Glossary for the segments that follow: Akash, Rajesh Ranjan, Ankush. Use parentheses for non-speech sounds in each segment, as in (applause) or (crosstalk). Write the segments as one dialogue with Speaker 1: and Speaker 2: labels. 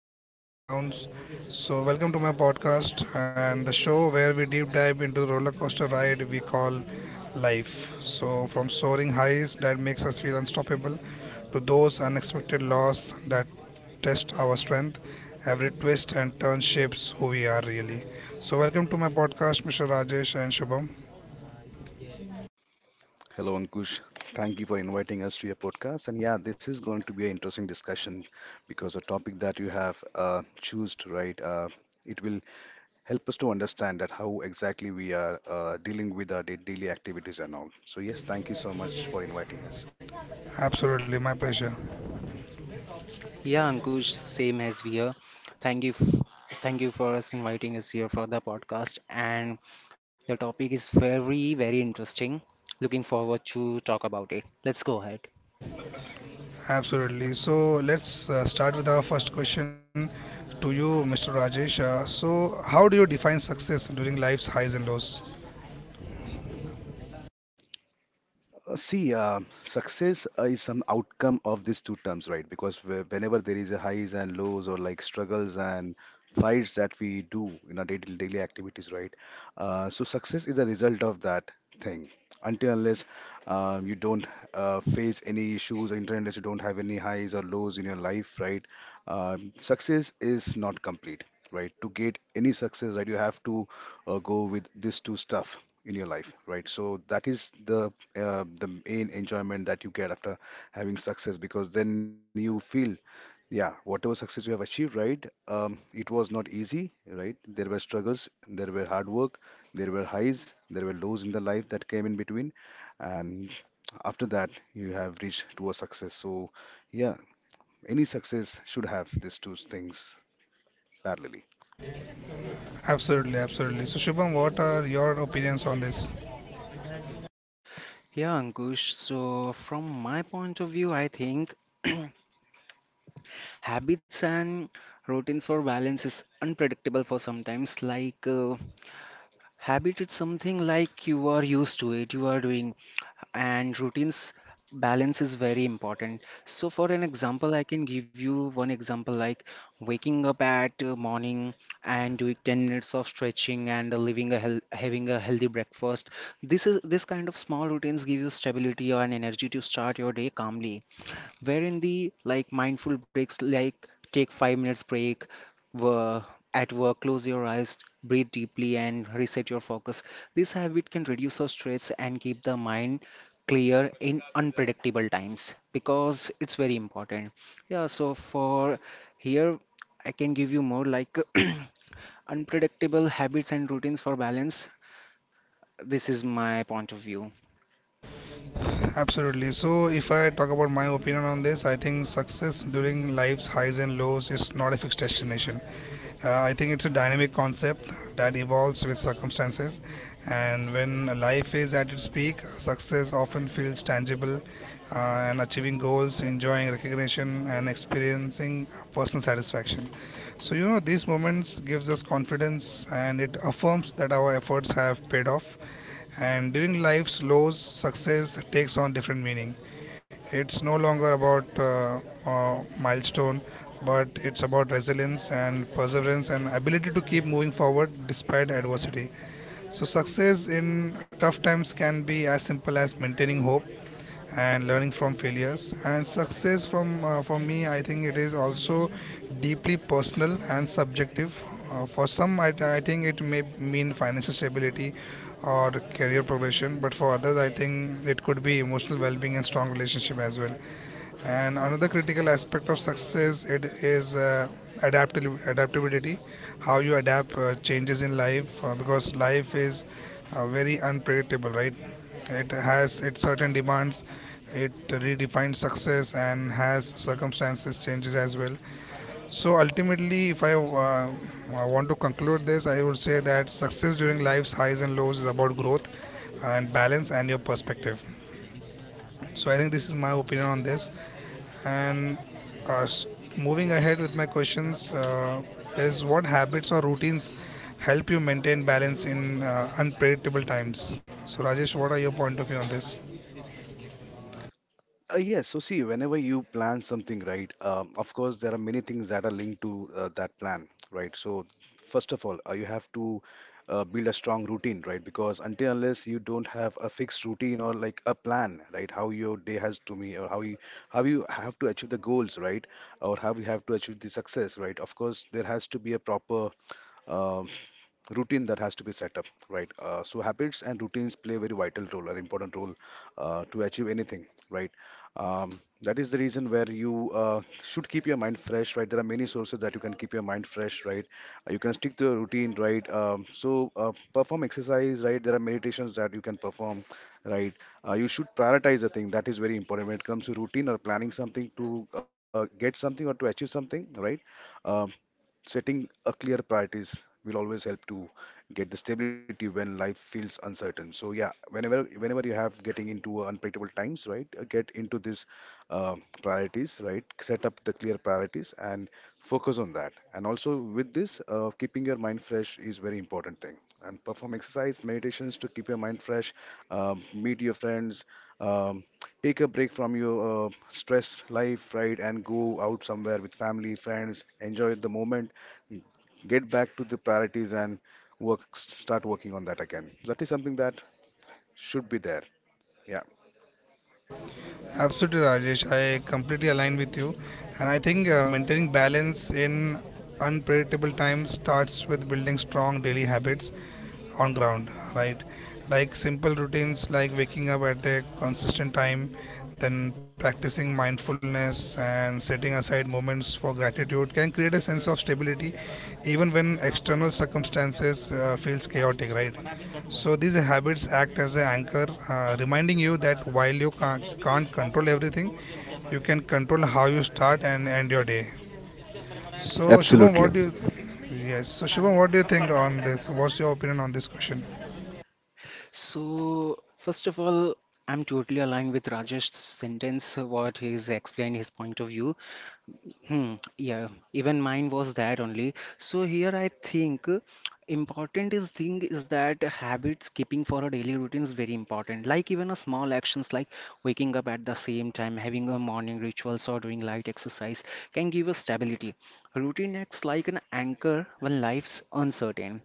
Speaker 1: the life's ups and downs. So, welcome to my podcast and the show where we deep dive into the roller coaster ride we call life. So, from soaring highs that makes us feel unstoppable to those unexpected loss that test our strength, every twist and turn shapes who we are really. So, welcome to my podcast, Mr. Rajesh and Shubham.
Speaker 2: Hello, Ankush. Thank you for inviting us to your podcast. And yeah, this is going to be an interesting discussion because the topic that you have choose, right, it will help us to understand that how exactly we are dealing with our daily activities and all. So yes, thank you so much for inviting us.
Speaker 1: Absolutely, my pleasure.
Speaker 3: Yeah, Ankush, same as we are. Thank you, thank you for us inviting us here for the podcast. And the topic is very, very interesting. Looking forward to talk about it. Let's go ahead.
Speaker 1: Absolutely. So let's start with our first question to you, Mr. Rajesh. So, how do you define success during life's highs and lows?
Speaker 2: See, success is some outcome of these two terms, right? Because whenever there is a highs and lows or like struggles and fights that we do in our daily activities, right? So success is a result of that thing. Until unless you don't face any issues, until unless you don't have any highs or lows in your life, right? Success is not complete, right? To get any success, right, you have to go with these two stuff in your life, right? So that is the main enjoyment that you get after having success because then you feel yeah, whatever success you have achieved, right, it was not easy, right, there were struggles, there were hard work, there were highs, there were lows in the life that came in between, and after that you have reached to a success. So yeah, any success should have these two things parallelly.
Speaker 1: Absolutely, absolutely. So, Shubham, what are your opinions on this?
Speaker 3: Yeah, Ankush. So from my point of view, I think (clears throat) habits and routines for balance is unpredictable for sometimes. Habit, it's something like you are used to it. You are doing and routines balance is very important, so for an example I can give you one example, like waking up at morning and doing 10 minutes of stretching and living a having a healthy breakfast. This is this kind of small routines give you stability and energy to start your day calmly, wherein the like mindful breaks, like take 5 minutes break wo- at work, close your eyes, breathe deeply, and reset your focus. This habit can reduce your stress and keep the mind clear in unpredictable times because it's very important. Yeah, so for here, I can give you more like (clears throat) unpredictable habits and routines for balance. This is my point of view.
Speaker 1: Absolutely. So, if I talk about my opinion on this, I think success during life's highs and lows is not a fixed destination. I think it's a dynamic concept that evolves with circumstances, and when life is at its peak, success often feels tangible, uh, and achieving goals, enjoying recognition, and experiencing personal satisfaction. So you know these moments gives us confidence, and it affirms that our efforts have paid off. And during life's lows, success takes on different meaning. It's no longer about milestone, but it's about resilience and perseverance and ability to keep moving forward despite adversity. So success in tough times can be as simple as maintaining hope and learning from failures. And success from for me, I think it is also deeply personal and subjective. For some, I think it may mean financial stability or career progression, but for others, I think it could be emotional well-being and strong relationship as well. And another critical aspect of success it is adaptability, how you adapt changes in life because life is very unpredictable, right? It has its certain demands. It redefines success and has circumstances changes as well. So ultimately, if I want to conclude this, I would say that success during life's highs and lows is about growth and balance and your perspective. So I think this is my opinion on this. And uh, s- moving ahead with my questions is what habits or routines help you maintain balance in unpredictable times? So, Rajesh, what are your point of view on this?
Speaker 2: Yes, so see, whenever you plan something, right, of course, there are many things that are linked to that plan, right? So, first of all, you have to build a strong routine, right? Because until unless you don't have a fixed routine or like a plan, right, how your day has to be, or how you have to achieve the goals, right, or how you have to achieve the success, right? Of course, there has to be a proper um, routine that has to be set up, right? So habits and routines play a very vital role, an important role to achieve anything, right? Um, that is the reason where you should keep your mind fresh, right? There are many sources that you can keep your mind fresh, right? You can stick to a routine, right? Perform exercise, right? There are meditations that you can perform, right? You should prioritize a thing. That is very important when it comes to routine or planning something to get something or to achieve something, right? Um Setting a clear priorities will always help to get the stability when life feels uncertain. So yeah, whenever you have getting into unpredictable times, right, get into this uh, priorities, right? Set up the clear priorities and focus on that. And also with this, keeping your mind fresh is very important thing. And perform exercise, meditations to keep your mind fresh. Meet your friends. um, Take a break from your stress life, right, and go out somewhere with family, friends, enjoy the moment, get back to the priorities and work, start working on that again. So that is something that should be there. Yeah.
Speaker 1: Absolutely, Rajesh. I completely align with you. And I think maintaining balance in unpredictable times starts with building strong daily habits on ground, right? Like simple routines like waking up at a consistent time, then practicing mindfulness and setting aside moments for gratitude can create a sense of stability even when external circumstances feels chaotic, right? So these habits act as an anchor, reminding you that while you can't control everything, you can control how you start and end your day. So Shubham,
Speaker 2: Absolutely.
Speaker 1: what do you? Yes. So Shubham, what do you think on this? What's your opinion on this question?
Speaker 3: So, first of all, I'm totally aligned with Rajesh's sentence, what he's explained his point of view. Hmm, yeah, even mine was that only. So here I think important is thing is that habits keeping for a daily routine is very important. Like even a small actions like waking up at the same time, having a morning rituals or doing light exercise can give us stability. Routine acts like an anchor when life's uncertain.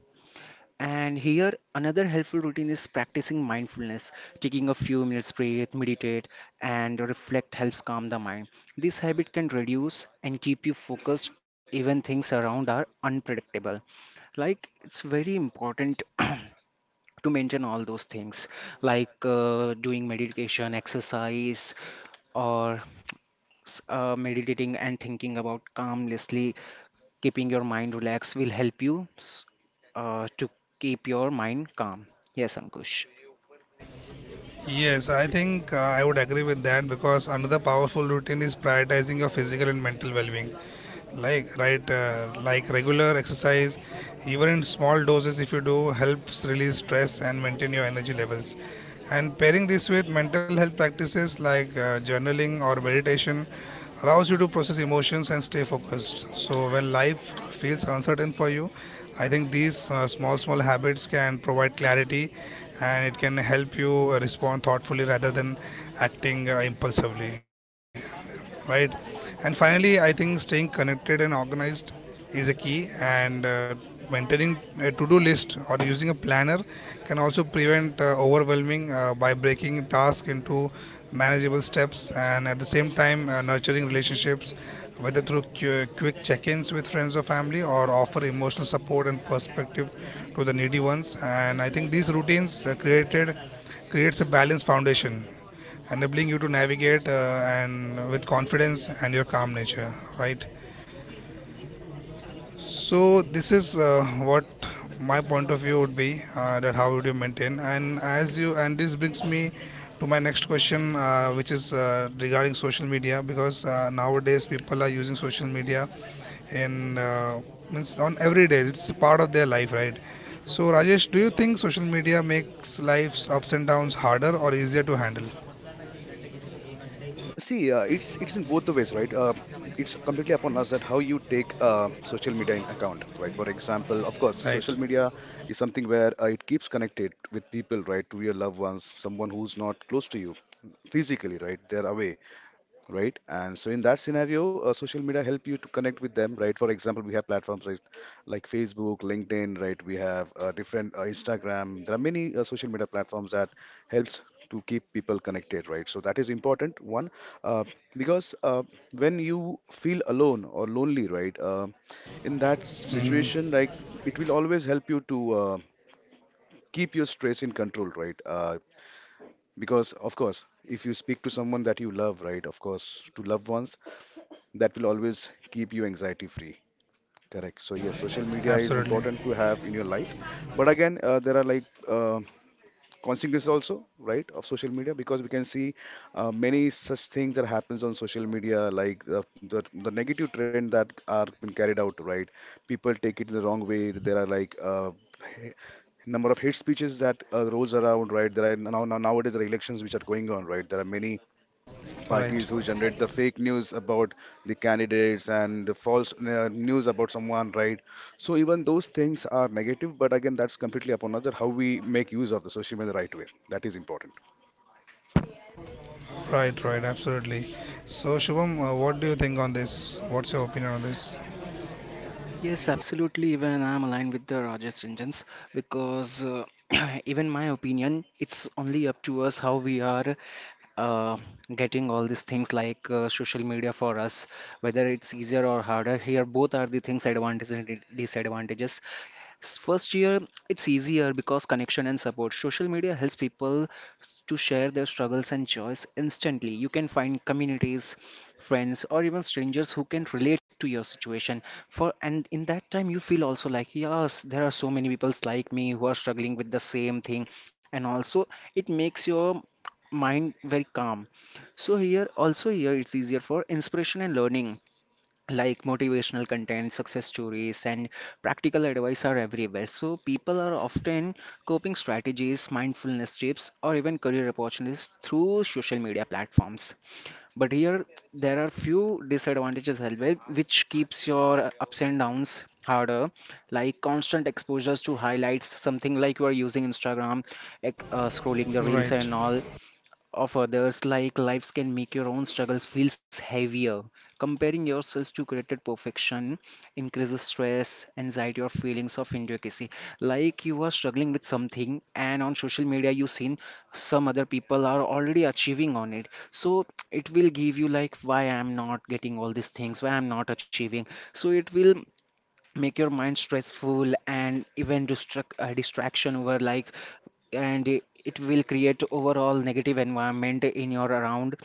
Speaker 3: And here, another helpful routine is practicing mindfulness. Taking a few minutes, breathe, meditate, and reflect helps calm the mind. This habit can reduce and keep you focused even things around are unpredictable. Like, it's very important (clears throat) to maintain all those things, like doing meditation, exercise, or meditating and thinking about calmlessly, keeping your mind relaxed will help you s- to keep your mind calm. Yes, Ankush.
Speaker 1: Yes, I think I would agree with that because another powerful routine is prioritizing your physical and mental well-being. Like right like regular exercise even in small doses if you do helps release stress and maintain your energy levels, and pairing this with mental health practices like journaling or meditation allows you to process emotions and stay focused. So when life feels uncertain for you, I think these small habits can provide clarity, and it can help you respond thoughtfully rather than acting impulsively, right? And finally, I think staying connected and organized is a key, and maintaining a to do list or using a planner can also prevent overwhelming by breaking tasks into manageable steps, and at the same time nurturing relationships whether through quick check-ins with friends or family or offer emotional support and perspective to the needy ones. And I think these routines created creates a balanced foundation enabling you to navigate and with confidence and your calm nature, right? So this is what my point of view would be, that how would you maintain. And as you, and this brings me to my next question, which is regarding social media because nowadays people are using social media in, means on every day it's part of their life, right? So Rajesh, do you think social media makes life's ups and downs harder or easier to handle?
Speaker 2: See, it's in both the ways, right? It's completely upon us that how you take social media in account, right? For example, of course,
Speaker 1: Right,
Speaker 2: social media is something where it keeps connected with people, right? To your loved ones, someone who's not close to you physically, right? They're away, right? And so in that scenario, social media help you to connect with them, right? For example, we have platforms like Facebook, LinkedIn, right? We have different Instagram. There are many social media platforms that helps to keep people connected, right? So that is important one, uh, because when you feel alone or lonely, right? In that situation, like it will always help you to keep your stress in control, right? Because of course, if you speak to someone that you love, right? Of course, to loved ones, that will always keep you anxiety free, correct? So yes, social media is
Speaker 1: absolutely.
Speaker 2: important to have in your life. But again, there are like uh, consequences also, right, of social media, because we can see many such things that happens on social media, like the negative trend that are been carried out, right, people take it the wrong way. There are like he- number of hate speeches that rolls around, right? There are nowadays there are elections which are going on, right? There are many
Speaker 1: Right,
Speaker 2: parties who generate the fake news about the candidates and the false news about someone, right? So even those things are negative, but again, that's completely upon us that how we make use of the social media the right way. That is important.
Speaker 1: right, right, absolutely. So, Shubham, what do you think on this? What's your opinion on this?
Speaker 3: Yes, absolutely. Even I'm aligned with the Rajesh Ranjans because, (clears throat) even my opinion, it's only up to us how we are uh, getting all these things like social media for us, whether it's easier or harder. Here, both are the things advantages and disadvantages. First year, it's easier because connection and support. Social media helps people to share their struggles and joys instantly. You can find communities, friends, or even strangers who can relate to your situation. For and in that time, you feel also like, yes, there are so many people like me who are struggling with the same thing, and also it makes your mind very calm. So here, also here, it's easier for inspiration and learning, like motivational content, success stories, and practical advice are everywhere. So, people are often coping strategies, mindfulness tips, or even career opportunities through social media platforms. But here, there are few disadvantages as well, which keeps your ups and downs harder, like constant exposures to highlights, something like you are using instagram, scrolling the reels
Speaker 1: Right.
Speaker 3: and all of others, like lives can make your own struggles feels heavier. Comparing yourself to created perfection increases stress, anxiety, or feelings of inadequacy. Like you are struggling with something, and on social media you've seen some other people are already achieving on it. So it will give you like why I'm not getting all these things, why I'm not achieving. So it will make your mind stressful and even distraction over like, and it will create overall negative environment in your around.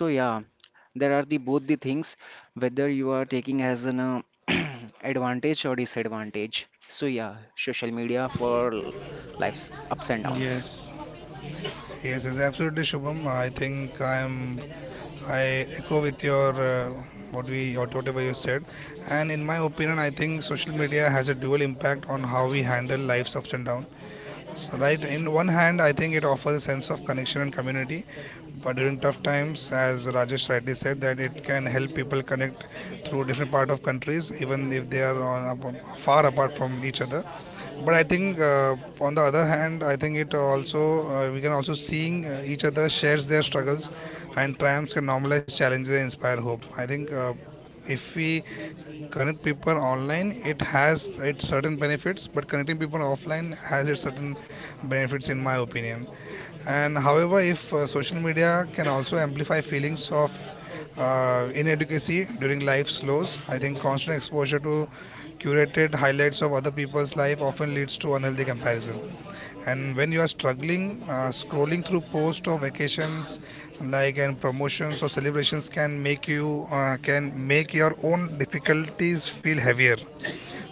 Speaker 3: So yeah, there are the both the things, whether you are taking as an (clears throat) advantage or disadvantage. So yeah, social media for life's ups and downs.
Speaker 1: Yes. Yes, yes, absolutely, Shubham. I think I'm. I echo with your what we or whatever you said, and in my opinion, I think social media has a dual impact on how we handle life's ups and downs. Right, in one hand I think it offers a sense of connection and community, but during tough times as Rajesh rightly said that it can help people connect through different part of countries even if they are on, far apart from each other. But I think, on the other hand, I think it also we can also seeing each other shares their struggles, and triumphs can normalize challenges and inspire hope. I think if we connect people online, it has its certain benefits, but connecting people offline has its certain benefits, in my opinion. And however, if social media can also amplify feelings of inadequacy during life's lows, I think constant exposure to curated highlights of other people's life often leads to unhealthy comparison. And when you are struggling, scrolling through posts of vacations, like and promotions or celebrations, can make your own difficulties feel heavier.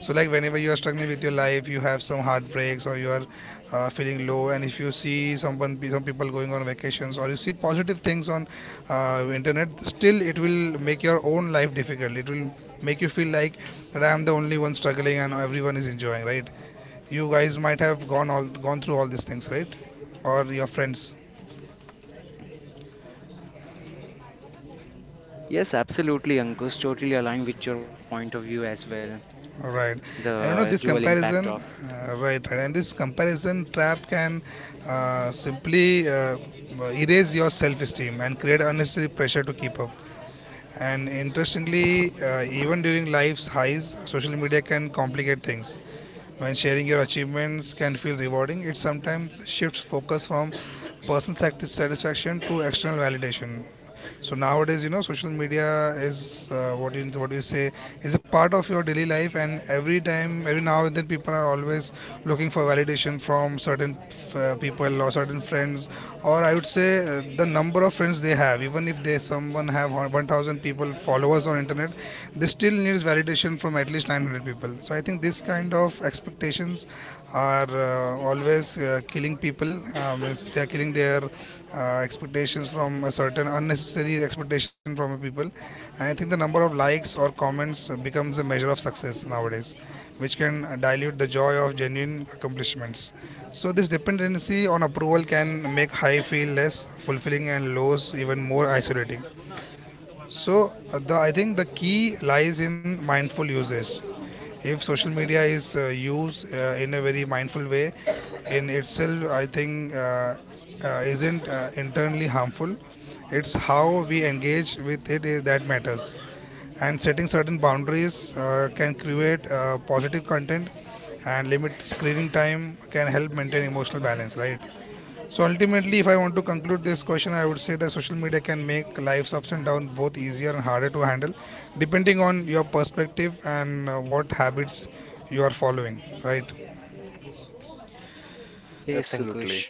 Speaker 1: So like whenever you are struggling with your life you have some heartbreaks or you are feeling low, and if you see someone some people going on vacations or you see positive things on internet, still it will make your own life difficult. It will make you feel like that I am the only one struggling and everyone is enjoying, right? You guys might have gone all gone through all these things, right? Or your friends.
Speaker 3: Yes, absolutely, Ankush, totally aligned with your point of view as well.
Speaker 1: Right,
Speaker 3: The
Speaker 1: and you know
Speaker 3: dual
Speaker 1: this
Speaker 3: impact of
Speaker 1: comparison, right, right, and this comparison trap can simply erase your self-esteem and create unnecessary pressure to keep up. And interestingly, even during life's highs, social media can complicate things. When sharing your achievements can feel rewarding, it sometimes shifts focus from personal satisfaction to external validation. So nowadays, you know, social media is what you what do you say is a part of your daily life, and every time, every now and then, people are always looking for validation from certain people or certain friends, or I would say the number of friends they have. Even if they someone have 1,000 people followers on internet, they still needs validation from at least 900 people. So I think this kind of expectations are always killing people. Means they are killing their expectations from a certain unnecessary expectation from people. And I think the number of likes or comments becomes a measure of success nowadays, which can dilute the joy of genuine accomplishments. So this dependency on approval can make high feel less fulfilling and lows even more isolating. So I think the key lies in mindful usage. If social media is used in a very mindful way, in itself, I think isn't internally harmful. It's how we engage with it is that matters. And setting certain boundaries can create positive content, and limit screening time can help maintain emotional balance, right? So ultimately, if I want to conclude this question, I would say that social media can make life's ups and downs both easier and harder to handle, depending on your perspective and what habits you are following. Right?
Speaker 3: yes, Ankush,
Speaker 2: Absolutely.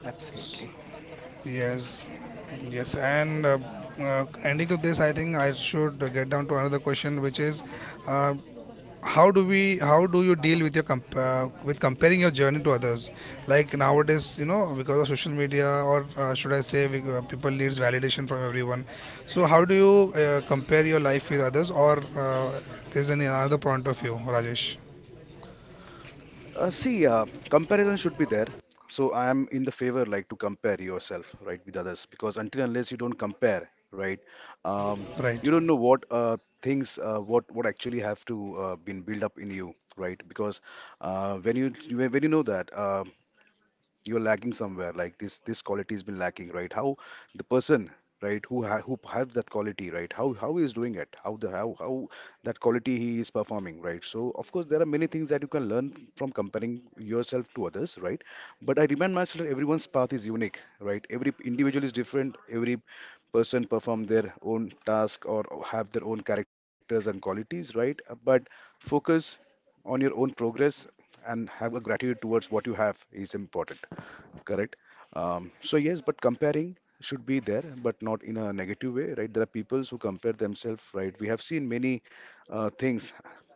Speaker 3: absolutely.
Speaker 1: Yes. Yes. And uh, ending to this, I think I should get down to another question, which is, uh, how do you deal with your with comparing your journey to others, like nowadays you know because of social media, or should I say we, people needs validation from everyone. So how do you compare your life with others, or there's any other point of view, Rajesh?
Speaker 2: See, comparison should be there. So I am in the favor like to compare yourself, right, with others, because until unless you don't compare, right, um, you don't
Speaker 1: Right,
Speaker 2: know what things what actually have to been built up in you, right? Because when you know that, you're lacking somewhere, like this quality has been lacking, right? How the person, right, who ha who have that quality, right, how he is doing it, how the how that quality he is performing, right? So of course, there are many things that you can learn from comparing yourself to others, right? But I remind myself that everyone's path is unique, right? Every individual is different. Every person perform their own task or have their own characters and qualities, right? But focus on your own progress and have a gratitude towards what you have is important. Correct. So yes, but comparing should be there, but not in a negative way, right? There are peoples who compare themselves, right? We have seen many things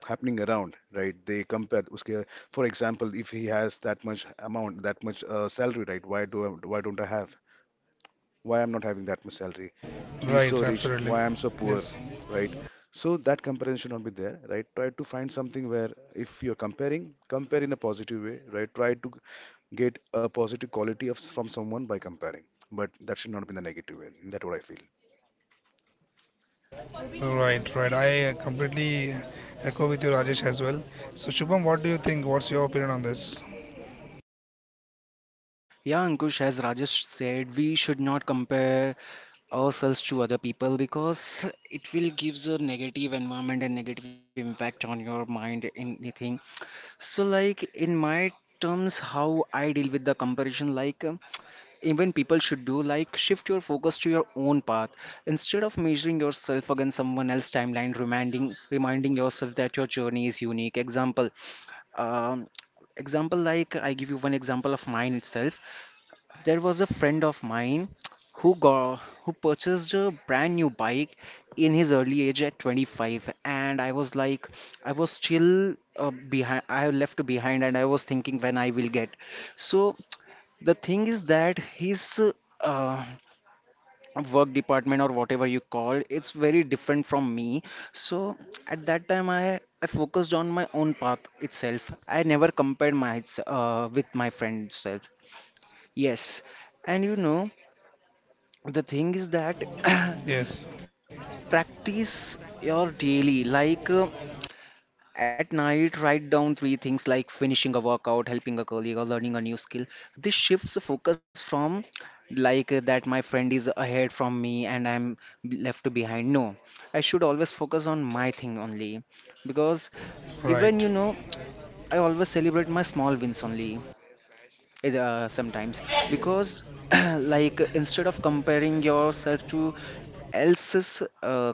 Speaker 2: happening around, right? They compare. Uske, for example, if he has that much amount, that much salary, right? Why do I, why don't I have? Why I'm not having that much salary? He's
Speaker 1: right,
Speaker 2: so rich,
Speaker 1: absolutely.
Speaker 2: why I'm so poor,
Speaker 1: Yes.
Speaker 2: right? So that comparison should not be there, right? Try to find something where if you're comparing, compare in a positive way, right? Try to get a positive quality of from someone by comparing, but that should not be in the negative way. That's what I feel.
Speaker 1: Right, right, I completely echo with you, Rajesh, as well. So Shubham, what do you think? What's your opinion on this?
Speaker 3: Yeah, Ankush, as Rajesh said, we should not compare ourselves to other people because it will gives a negative environment and negative impact on your mind in anything. So, like in my terms, how I deal with the comparison, like even people should do, like shift your focus to your own path instead of measuring yourself against someone else's timeline. Reminding yourself that your journey is unique. Example, um, example like I give you one example of mine itself. There was a friend of mine who purchased a brand new bike in his early age at 25, and I was like I was still behind, I left behind and I was thinking when I will get. So the thing is that his uh, work department or whatever you call it's very different from me. So at that time I focused on my own path itself. I never compared my with my friend's self. Yes. And you know, the thing is that (clears throat)
Speaker 1: Yes.
Speaker 3: practice your daily like at night write down three things like finishing a workout, helping a colleague, or learning a new skill. This shifts the focus from like that my friend is ahead from me and I'm left behind. No, I should always focus on my thing only. Because
Speaker 1: Right,
Speaker 3: even you know, I always celebrate my small wins only. It, sometimes, because (clears throat) like instead of comparing yourself to else's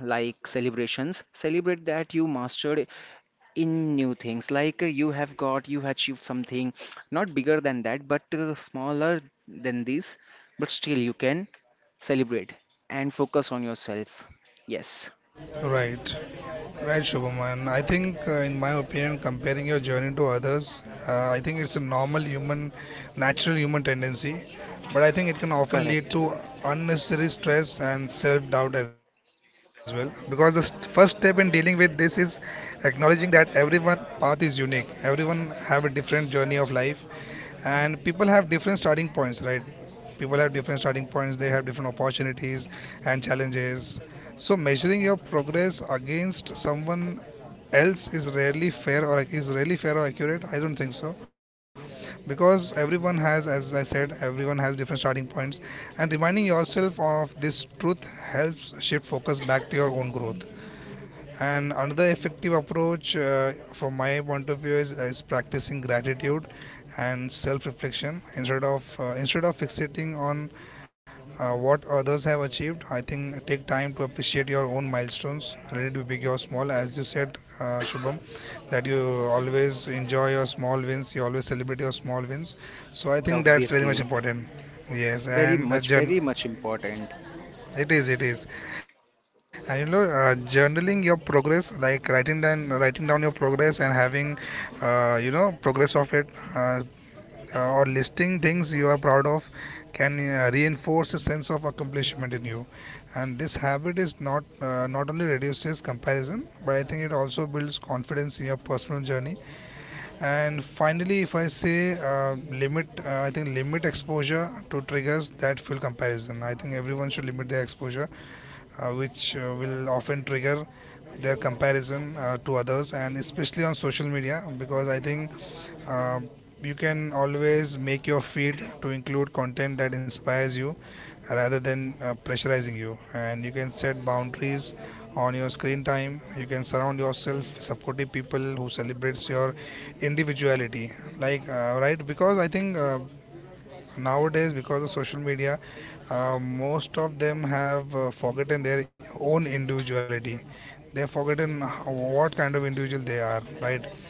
Speaker 3: like celebrations, celebrate that you mastered in new things, like you have got you achieved something, not bigger than that but smaller than this, but still you can celebrate and focus on yourself. Yes.
Speaker 1: right. Right, Shubhaman. I think, in my opinion, comparing your journey to others, I think it's a normal human, natural human tendency. But I think it can often lead
Speaker 3: Correct.
Speaker 1: to unnecessary stress and self doubt as well. Because the first step in dealing with this is acknowledging that everyone's path is unique, everyone have a different journey of life, and people have different starting points, right? People have different starting points, they have different opportunities and challenges, so measuring your progress against someone else is rarely fair or accurate, I don't think so. Because everyone has as I said everyone has different starting points, and reminding yourself of this truth helps shift focus back to your own growth. And another effective approach, from my point of view, is practicing gratitude and self-reflection, instead of fixating on what others have achieved. I think take time to appreciate your own milestones, whether it be big or small. As you said, Shubham, that you always enjoy your small wins, you always celebrate your small wins. So I think that's very much
Speaker 3: Obviously.
Speaker 1: important. Yes,
Speaker 3: Very much,
Speaker 1: and
Speaker 3: very much important.
Speaker 1: it is, and you know, journaling your progress, like writing down your progress and having, you know, progress of it, uh, or listing things you are proud of, can reinforce a sense of accomplishment in you. And this habit is not only reduces comparison, but I think it also builds confidence in your personal journey. And finally, if I say I think limit exposure to triggers that fuel comparison. I think everyone should limit their exposure, which will often trigger their comparison to others, and especially on social media, because I think uh, you can always make your feed to include content that inspires you rather than pressurizing you, and you can set boundaries on your screen time. You can surround yourself supportive people who celebrates your individuality, like, right, because I think, nowadays, because of social media, most of them have forgotten their own individuality. They've forgotten how, what kind of individual they are, right?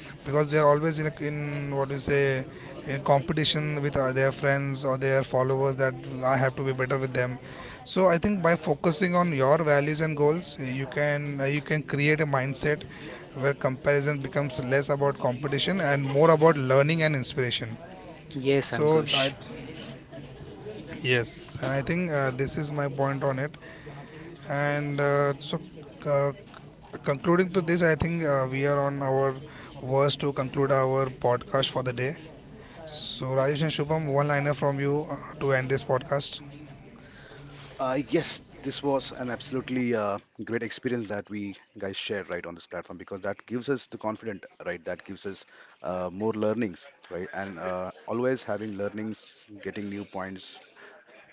Speaker 1: Because they are always in a, in what you say in competition with their friends or their followers that I have to be better with them. So I think by focusing on your values and goals, you can create a mindset where comparison becomes less about competition and more about learning and inspiration.
Speaker 3: Yes,
Speaker 1: So
Speaker 3: Ankush.
Speaker 1: I. Yes, and I think this is my point on it. And uh, concluding to this, I think we are on our worst to conclude our podcast for the day. So, Rajesh and Shubham, one liner from you to end this podcast.
Speaker 2: Yes, this was an absolutely great experience that we guys shared right on this platform, because that gives us the confident, right, that gives us more learnings, right, and always having learnings, getting new points,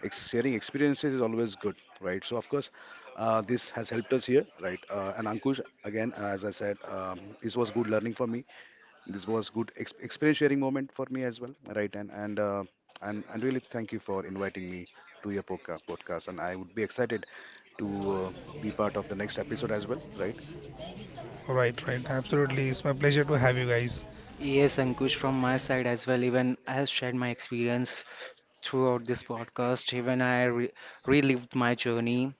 Speaker 2: sharing experiences is always good, right? So, of course, this has helped us here, right? And Ankush, again, as I said, this was good learning for me. This was good ex experience sharing moment for me as well, right? And really thank you for inviting me to your podcast. And I would be excited to uh, be part of the next episode as well, right?
Speaker 1: Right, right, absolutely. It's my pleasure to have you guys.
Speaker 3: Yes, Ankush, from my side as well, even I have shared my experience throughout this podcast. Even I re relived my journey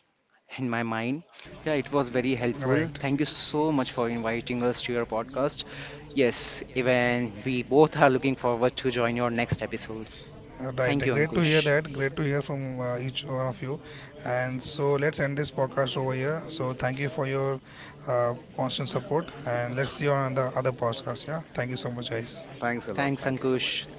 Speaker 3: in my mind. Yeah, it was very helpful.
Speaker 1: Right.
Speaker 3: Thank you so much for inviting us to your podcast. Yes, even we both are looking forward to join your next episode.
Speaker 1: Right,
Speaker 3: Thank you,
Speaker 1: great to hear
Speaker 3: Ankush.
Speaker 1: that. Great to hear from each one of you. And so let's end this podcast over here. So thank you for your constant support, and let's see you on the other podcast. Yeah, thank you so much, guys.
Speaker 2: Thanks a
Speaker 3: Thanks,
Speaker 2: lot. Thank you so
Speaker 3: Ankush.
Speaker 2: much.